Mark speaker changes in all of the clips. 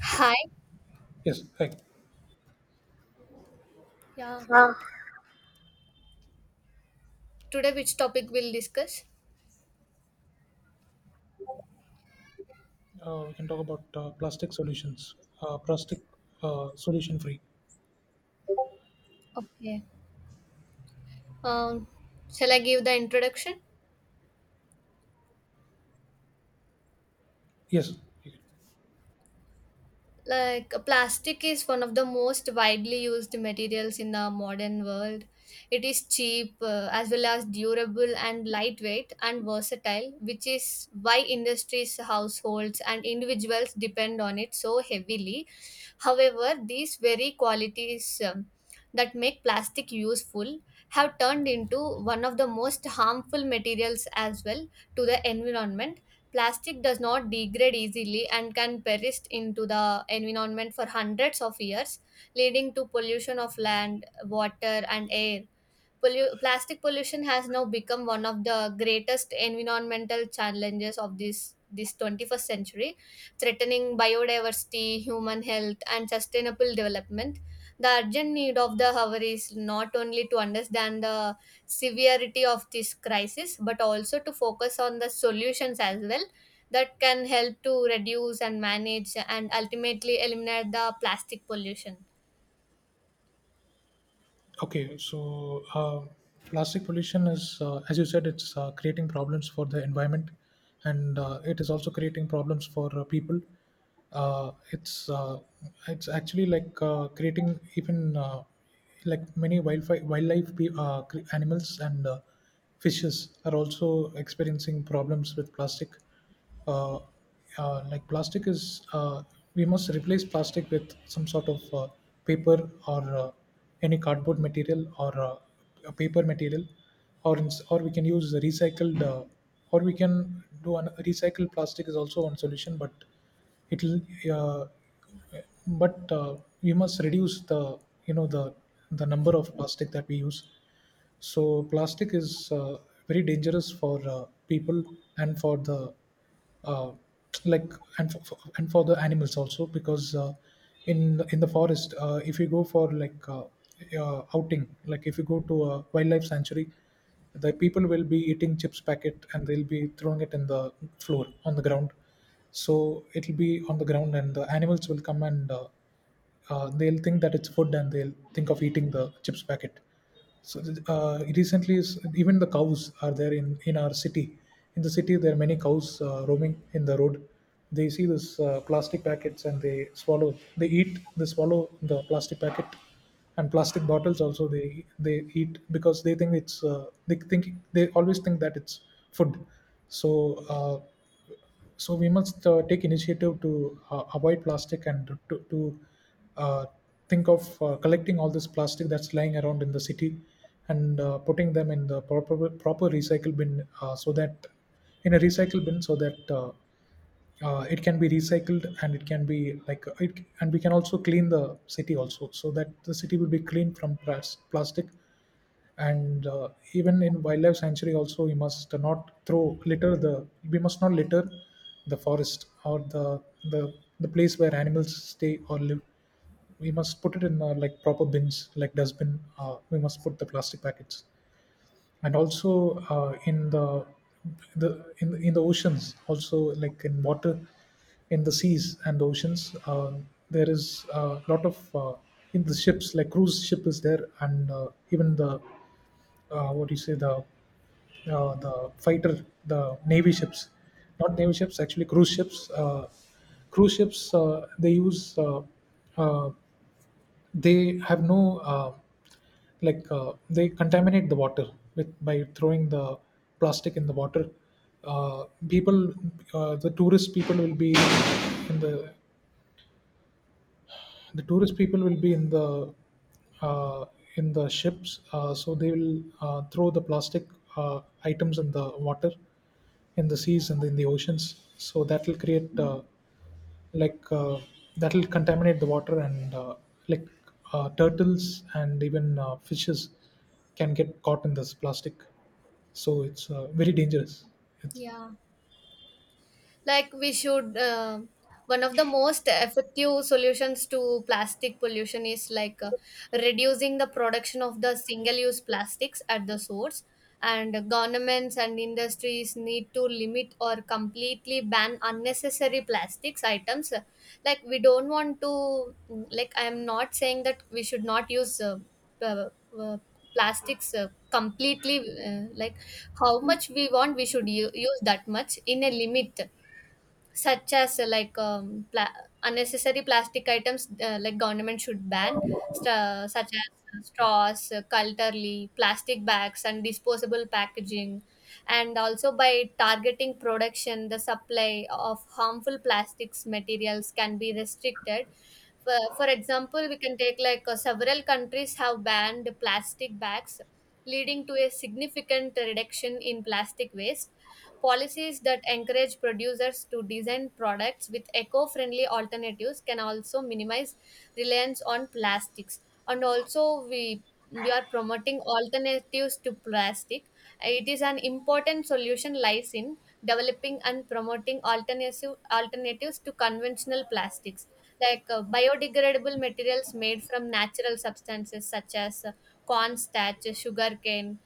Speaker 1: Hi.
Speaker 2: Yes, hi.
Speaker 1: Yeah,
Speaker 2: Uh,
Speaker 1: today which topic we'll discuss?
Speaker 2: We can talk about plastic solutions. Plastic solution free.
Speaker 1: Okay. Um, Shall I give the introduction?
Speaker 2: Yes.
Speaker 1: Like plastic is one of the most widely used materials in the modern world. It is cheap, as well as durable and lightweight and versatile, which is why industries, households and individuals depend on it so heavily. However, these very qualities that make plastic useful have turned into one of the most harmful materials as well, to the environment. Plastic does not degrade easily and can perish into the environment for hundreds of years, leading to pollution of land, water, and air. Plastic pollution has now become one of the greatest environmental challenges of this 21st century, threatening biodiversity, human health and sustainable development. The urgent need of the hour is not only to understand the severity of this crisis, but also to focus on the solutions as well that can help to reduce and manage and ultimately eliminate the plastic pollution.
Speaker 2: Okay. So plastic pollution is, as you said, it's creating problems for the environment, and it is also creating problems for people. Uh, it's uh, it's actually like creating even like many wildlife animals, and fishes are also experiencing problems with plastic. uh, like plastic is, we must replace plastic with some sort of paper, or any cardboard material, or a paper material, or or we can use the recycled, or we can do an recycled plastic is also one solution, but it'll, uh, but we must reduce the you know the number of plastic that we use. So plastic is very dangerous for people, and for the, uh, like and for and for the animals also, because in the forest, if you go for like, outing. Like if you go to a wildlife sanctuary, the people will be eating chips packet, and they'll be throwing it in the floor, on the ground. So it'll be on the ground, and the animals will come, and they'll think that it's food, and they'll think of eating the chips packet. So recently even the cows are there in our city. In the city there are many cows roaming in the road. They see this plastic packets and they swallow, they eat, they swallow the plastic packet. And plastic bottles also they eat, because they think it's they think, they always think that it's food. So uh, so we must, take initiative to avoid plastic, and to uh, think of collecting all this plastic that's lying around in the city, and putting them in the proper recycle bin, so that in a recycle bin, so that it can be recycled, and it can be like, it, and we can also clean the city also, so that the city will be clean from plastic. And even in wildlife sanctuary also, we must not throw, litter the, we must not litter the forest or the the place where animals stay or live. We must put it in like proper bins like dustbin, we must put the plastic packets. And also in the oceans also, like in water, in the seas and oceans, there is a lot of in the ships, like cruise ship is there. And even the, what do you say, the fighter, the navy ships, not navy ships, actually cruise ships, cruise ships, they use uh, they have no, they contaminate the water, with by throwing the plastic in the water. People, the tourist people will be in the tourist people will be in the, uh, in the ships, so they will throw the plastic items in the water, in the seas and in the oceans. So that will create, like uh, that will contaminate the water, and like turtles and even fishes can get caught in this plastic. So it's very dangerous. It's.
Speaker 1: Yeah, like we should, one of the most effective solutions to plastic pollution is like, reducing the production of the single use plastics at the source, and governments and industries need to limit or completely ban unnecessary plastics items. Like, we don't want to, like, I am not saying that we should not use uh, uh, plastics completely. Like, how much we want, we should use that much in a limit, such as, like, unnecessary plastic items, like, government should ban, such as, straws, culturally, plastic bags and disposable packaging. And also, by targeting production, the supply of harmful plastics materials can be restricted. For example, we can take, like, several countries have banned plastic bags, leading to a significant reduction in plastic waste. Policies that encourage producers to design products with eco friendly alternatives can also minimize reliance on plastics. And also, we are promoting alternatives to plastic. It is an important solution, lies in developing and promoting alternatives to conventional plastics, like, biodegradable materials made from natural substances, such as, corn starch, sugarcane,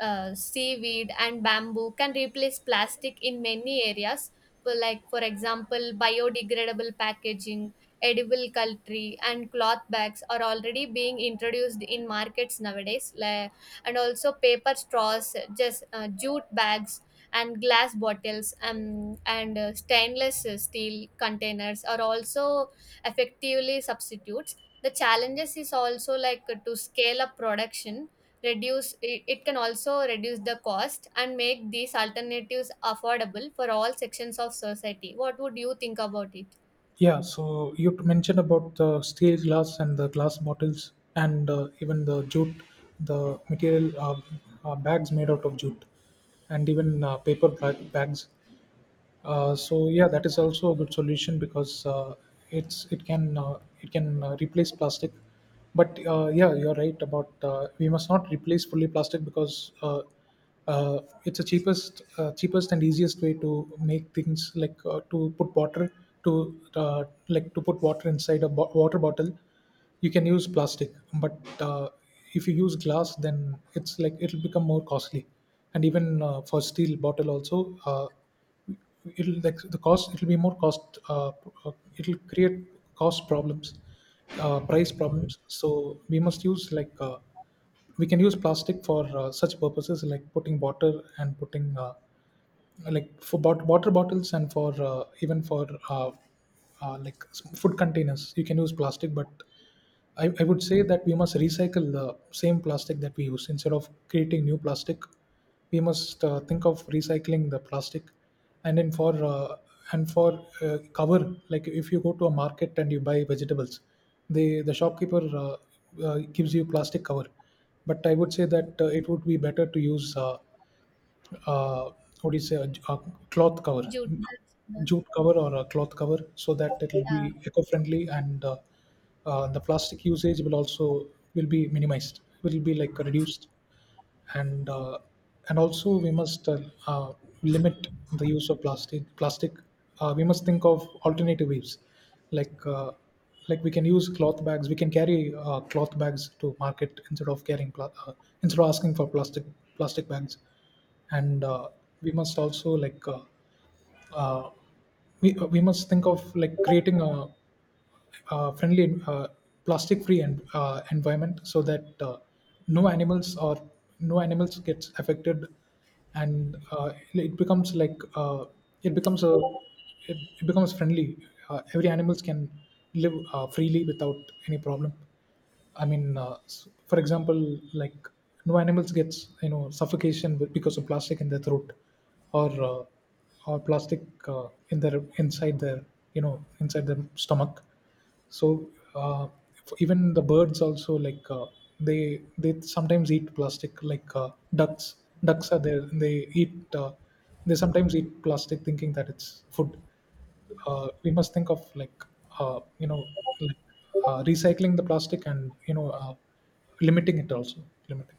Speaker 1: seaweed and bamboo, can replace plastic in many areas. For, like, for example, biodegradable packaging, edible cutlery and cloth bags are already being introduced in markets nowadays, like, and also paper straws, just, jute bags and glass bottles, and stainless steel containers are also effectively substitutes. The challenges is also like to scale up production, reduce It can also reduce the cost and make these alternatives affordable for all sections of society. What would you think about it?
Speaker 2: Yeah, so you mentioned about the steel glass and the glass bottles, and even the jute, the material, bags made out of jute, and even paper bags. So yeah, that is also a good solution, because it's, it can, it can replace plastic. But yeah, you're right about, we must not replace fully plastic, because it's the cheapest, cheapest and easiest way to make things like, to put water to, like to put water inside a water bottle. You can use plastic, but if you use glass, then it's like it'll become more costly, and even for steel bottle also. It'll like the cost, it'll be more cost, uh, it'll create cost problems, price problems. So we must use like, we can use plastic for such purposes like putting water, and putting like for water bottles, and for even for like food containers you can use plastic. But I would say that we must recycle the same plastic that we use, instead of creating new plastic. We must think of recycling the plastic, and then for and for cover, like if you go to a market and you buy vegetables, the shopkeeper, gives you plastic cover. But I would say that it would be better to use uh, what do you say, a cloth cover,
Speaker 1: Jude,
Speaker 2: jute cover or a cloth cover, so that it will
Speaker 1: yeah.
Speaker 2: be eco-friendly. And the plastic usage will also, will be minimized, will be like reduced. And and also we must uh, limit the use of plastic. We must think of alternative ways, like, like we can use cloth bags, we can carry cloth bags to market, instead of carrying instead of asking for plastic bags. And we must also like uh, we must think of like creating a friendly, plastic-free and environment, so that no animals, or no animals gets affected, and it becomes like, it becomes a, it becomes friendly. Every animals can live freely without any problem. I mean, for example, like no animals gets suffocation because of plastic in their throat, or uh, or plastic in their, inside their, inside their stomach. So uh, even the birds also, like, they sometimes eat plastic, like, ducks. Ducks are there. They eat. They sometimes eat plastic, thinking that it's food. We must think of like, uh, you know like recycling the plastic, and limiting it also, limiting.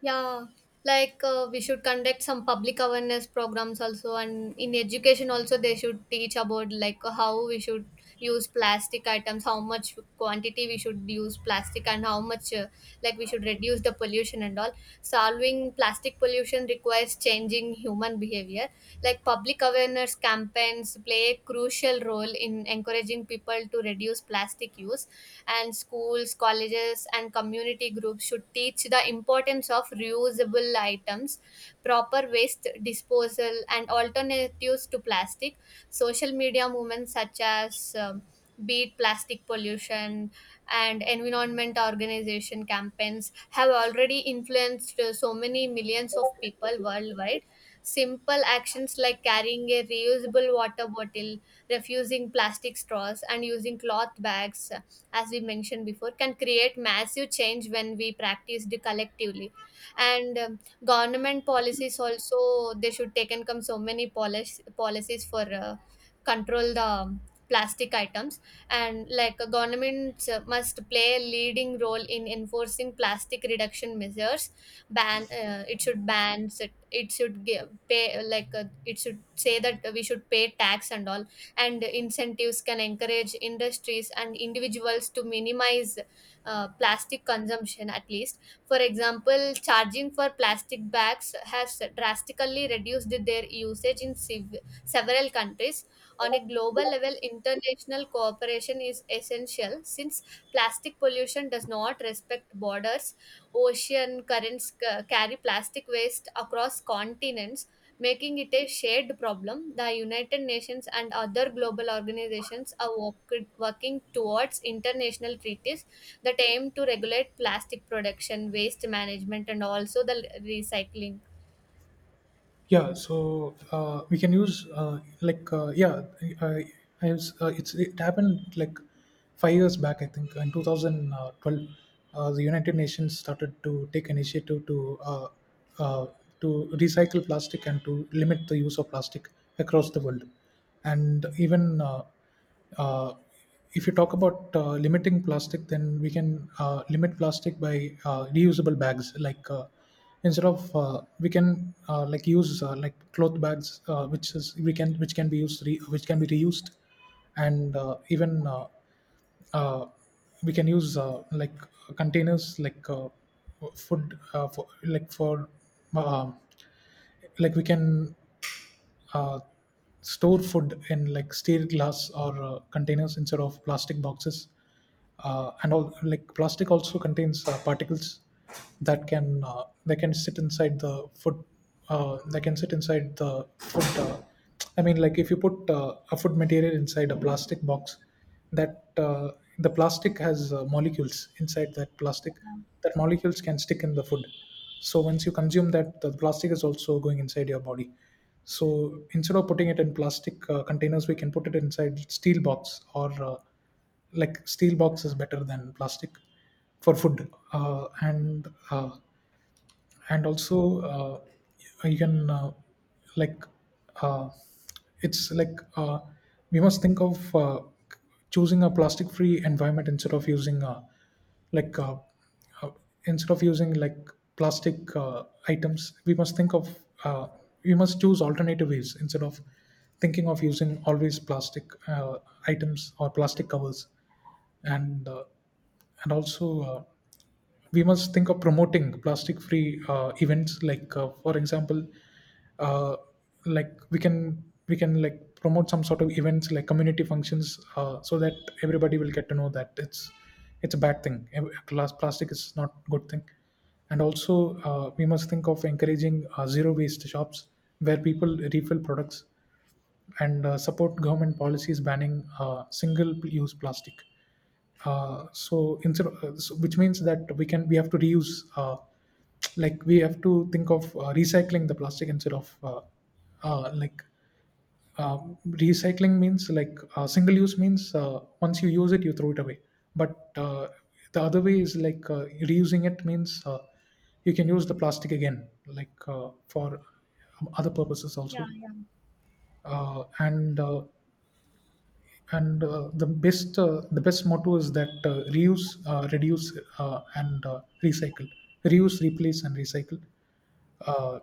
Speaker 1: Yeah, like, we should conduct some public awareness programs also, and in education also they should teach about like how we should use plastic items, how much quantity we should use plastic, and how much, like, we should reduce the pollution and all. Solving plastic pollution requires changing human behavior. Like, public awareness campaigns play a crucial role in encouraging people to reduce plastic use, and schools, colleges and community groups should teach the importance of reusable items, proper waste disposal and alternatives to plastic. Social media movements such as, beat plastic pollution, and environment organization campaigns, have already influenced, so many millions of people worldwide. Simple actions like carrying a reusable water bottle, refusing plastic straws, and using cloth bags, as we mentioned before, can create massive change when we practiced collectively. And, government policies also, they should take and come so many policies for, control the, plastic items. And like, governments must play a leading role in enforcing plastic reduction measures. Ban, it should ban, it should give pay, like, it should say that we should pay tax and all, and incentives can encourage industries and individuals to minimize, plastic consumption at least. For example, charging for plastic bags has drastically reduced their usage in several countries. On a global level, international cooperation is essential since plastic pollution does not respect borders. Ocean currents carry plastic waste across continents, making it a shared problem. The United Nations and other global organizations are working towards international treaties that aim to regulate plastic production, waste management, and also the recycling.
Speaker 2: Yeah, so we can use yeah. I, I was, it's it happened like 5 years back, I think in 2012. The United Nations started to take initiative uh, to recycle plastic and to limit the use of plastic across the world. And even uh, if you talk about limiting plastic, then we can limit plastic by reusable bags. Like instead of we can like use like cloth bags, which is we can, which can be used which can be reused. And even uh, we can use like containers, like food for uh, like we can, uh, store food in like steel glass or containers instead of plastic boxes. And all, like plastic also contains particles that can, they can sit inside the food, they can sit inside the food. I mean, like if you put a food material inside a plastic box, that the plastic has molecules inside that plastic, that molecules can stick in the food. So once you consume that, the plastic is also going inside your body. So instead of putting it in plastic containers, we can put it inside steel box, or like steel box is better than plastic for food. And and also you can, like uh, it's like, we must think of choosing a plastic free environment, instead of using like uh, uh, instead of using like plastic items. We must think of, uh, we must choose alternative ways, instead of thinking of using always plastic items or plastic covers. And and also we must think of promoting plastic free events, like for example, uh, like we can like promote some sort of events like community functions, so that everybody will get to know that it's a bad thing. Glass plastic is not a good thing. And also we must think of encouraging zero waste shops, where people refill products, and support government policies banning single use plastic. So instead, so which means that we can, we have to reuse. Like we have to think of recycling the plastic, instead of uh, like uh, recycling means like, single use means, once you use it you throw it away. But the other way is like, reusing it means, you can use the plastic again, like for other purposes also. Uh, and uh, and the best, the best motto is that, reuse, reduce, and recycle, reuse, replace and recycle. uh,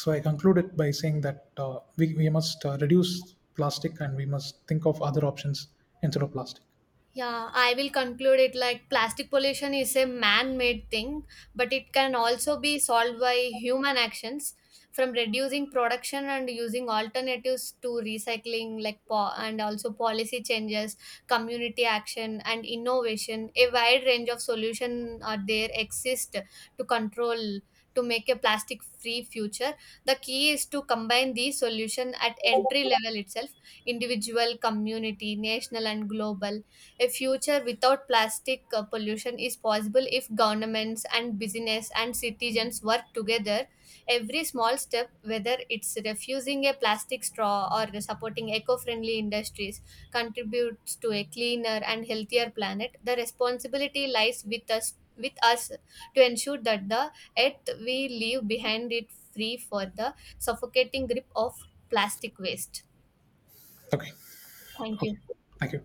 Speaker 2: so I conclude it by saying that, we must reduce plastic, and we must think of other options instead of plastic.
Speaker 1: Yeah, I will conclude it like plastic pollution is a man made thing, but it can also be solved by human actions, from reducing production and using alternatives to recycling, like and also policy changes, community action, and innovation. A wide range of solutions are there, exist, to control, to make a plastic free future. The key is to combine these solutions at entry level itself: individual, community, national and global. A future without plastic pollution is possible if governments and business and citizens work together. Every small step, whether it's refusing a plastic straw or supporting eco friendly industries, contributes to a cleaner and healthier planet. The responsibility lies with us. With us, to ensure that the earth we leave behind it free for the suffocating grip of plastic waste.
Speaker 2: Okay.
Speaker 1: Thank
Speaker 2: Okay.
Speaker 1: you.
Speaker 2: Thank you.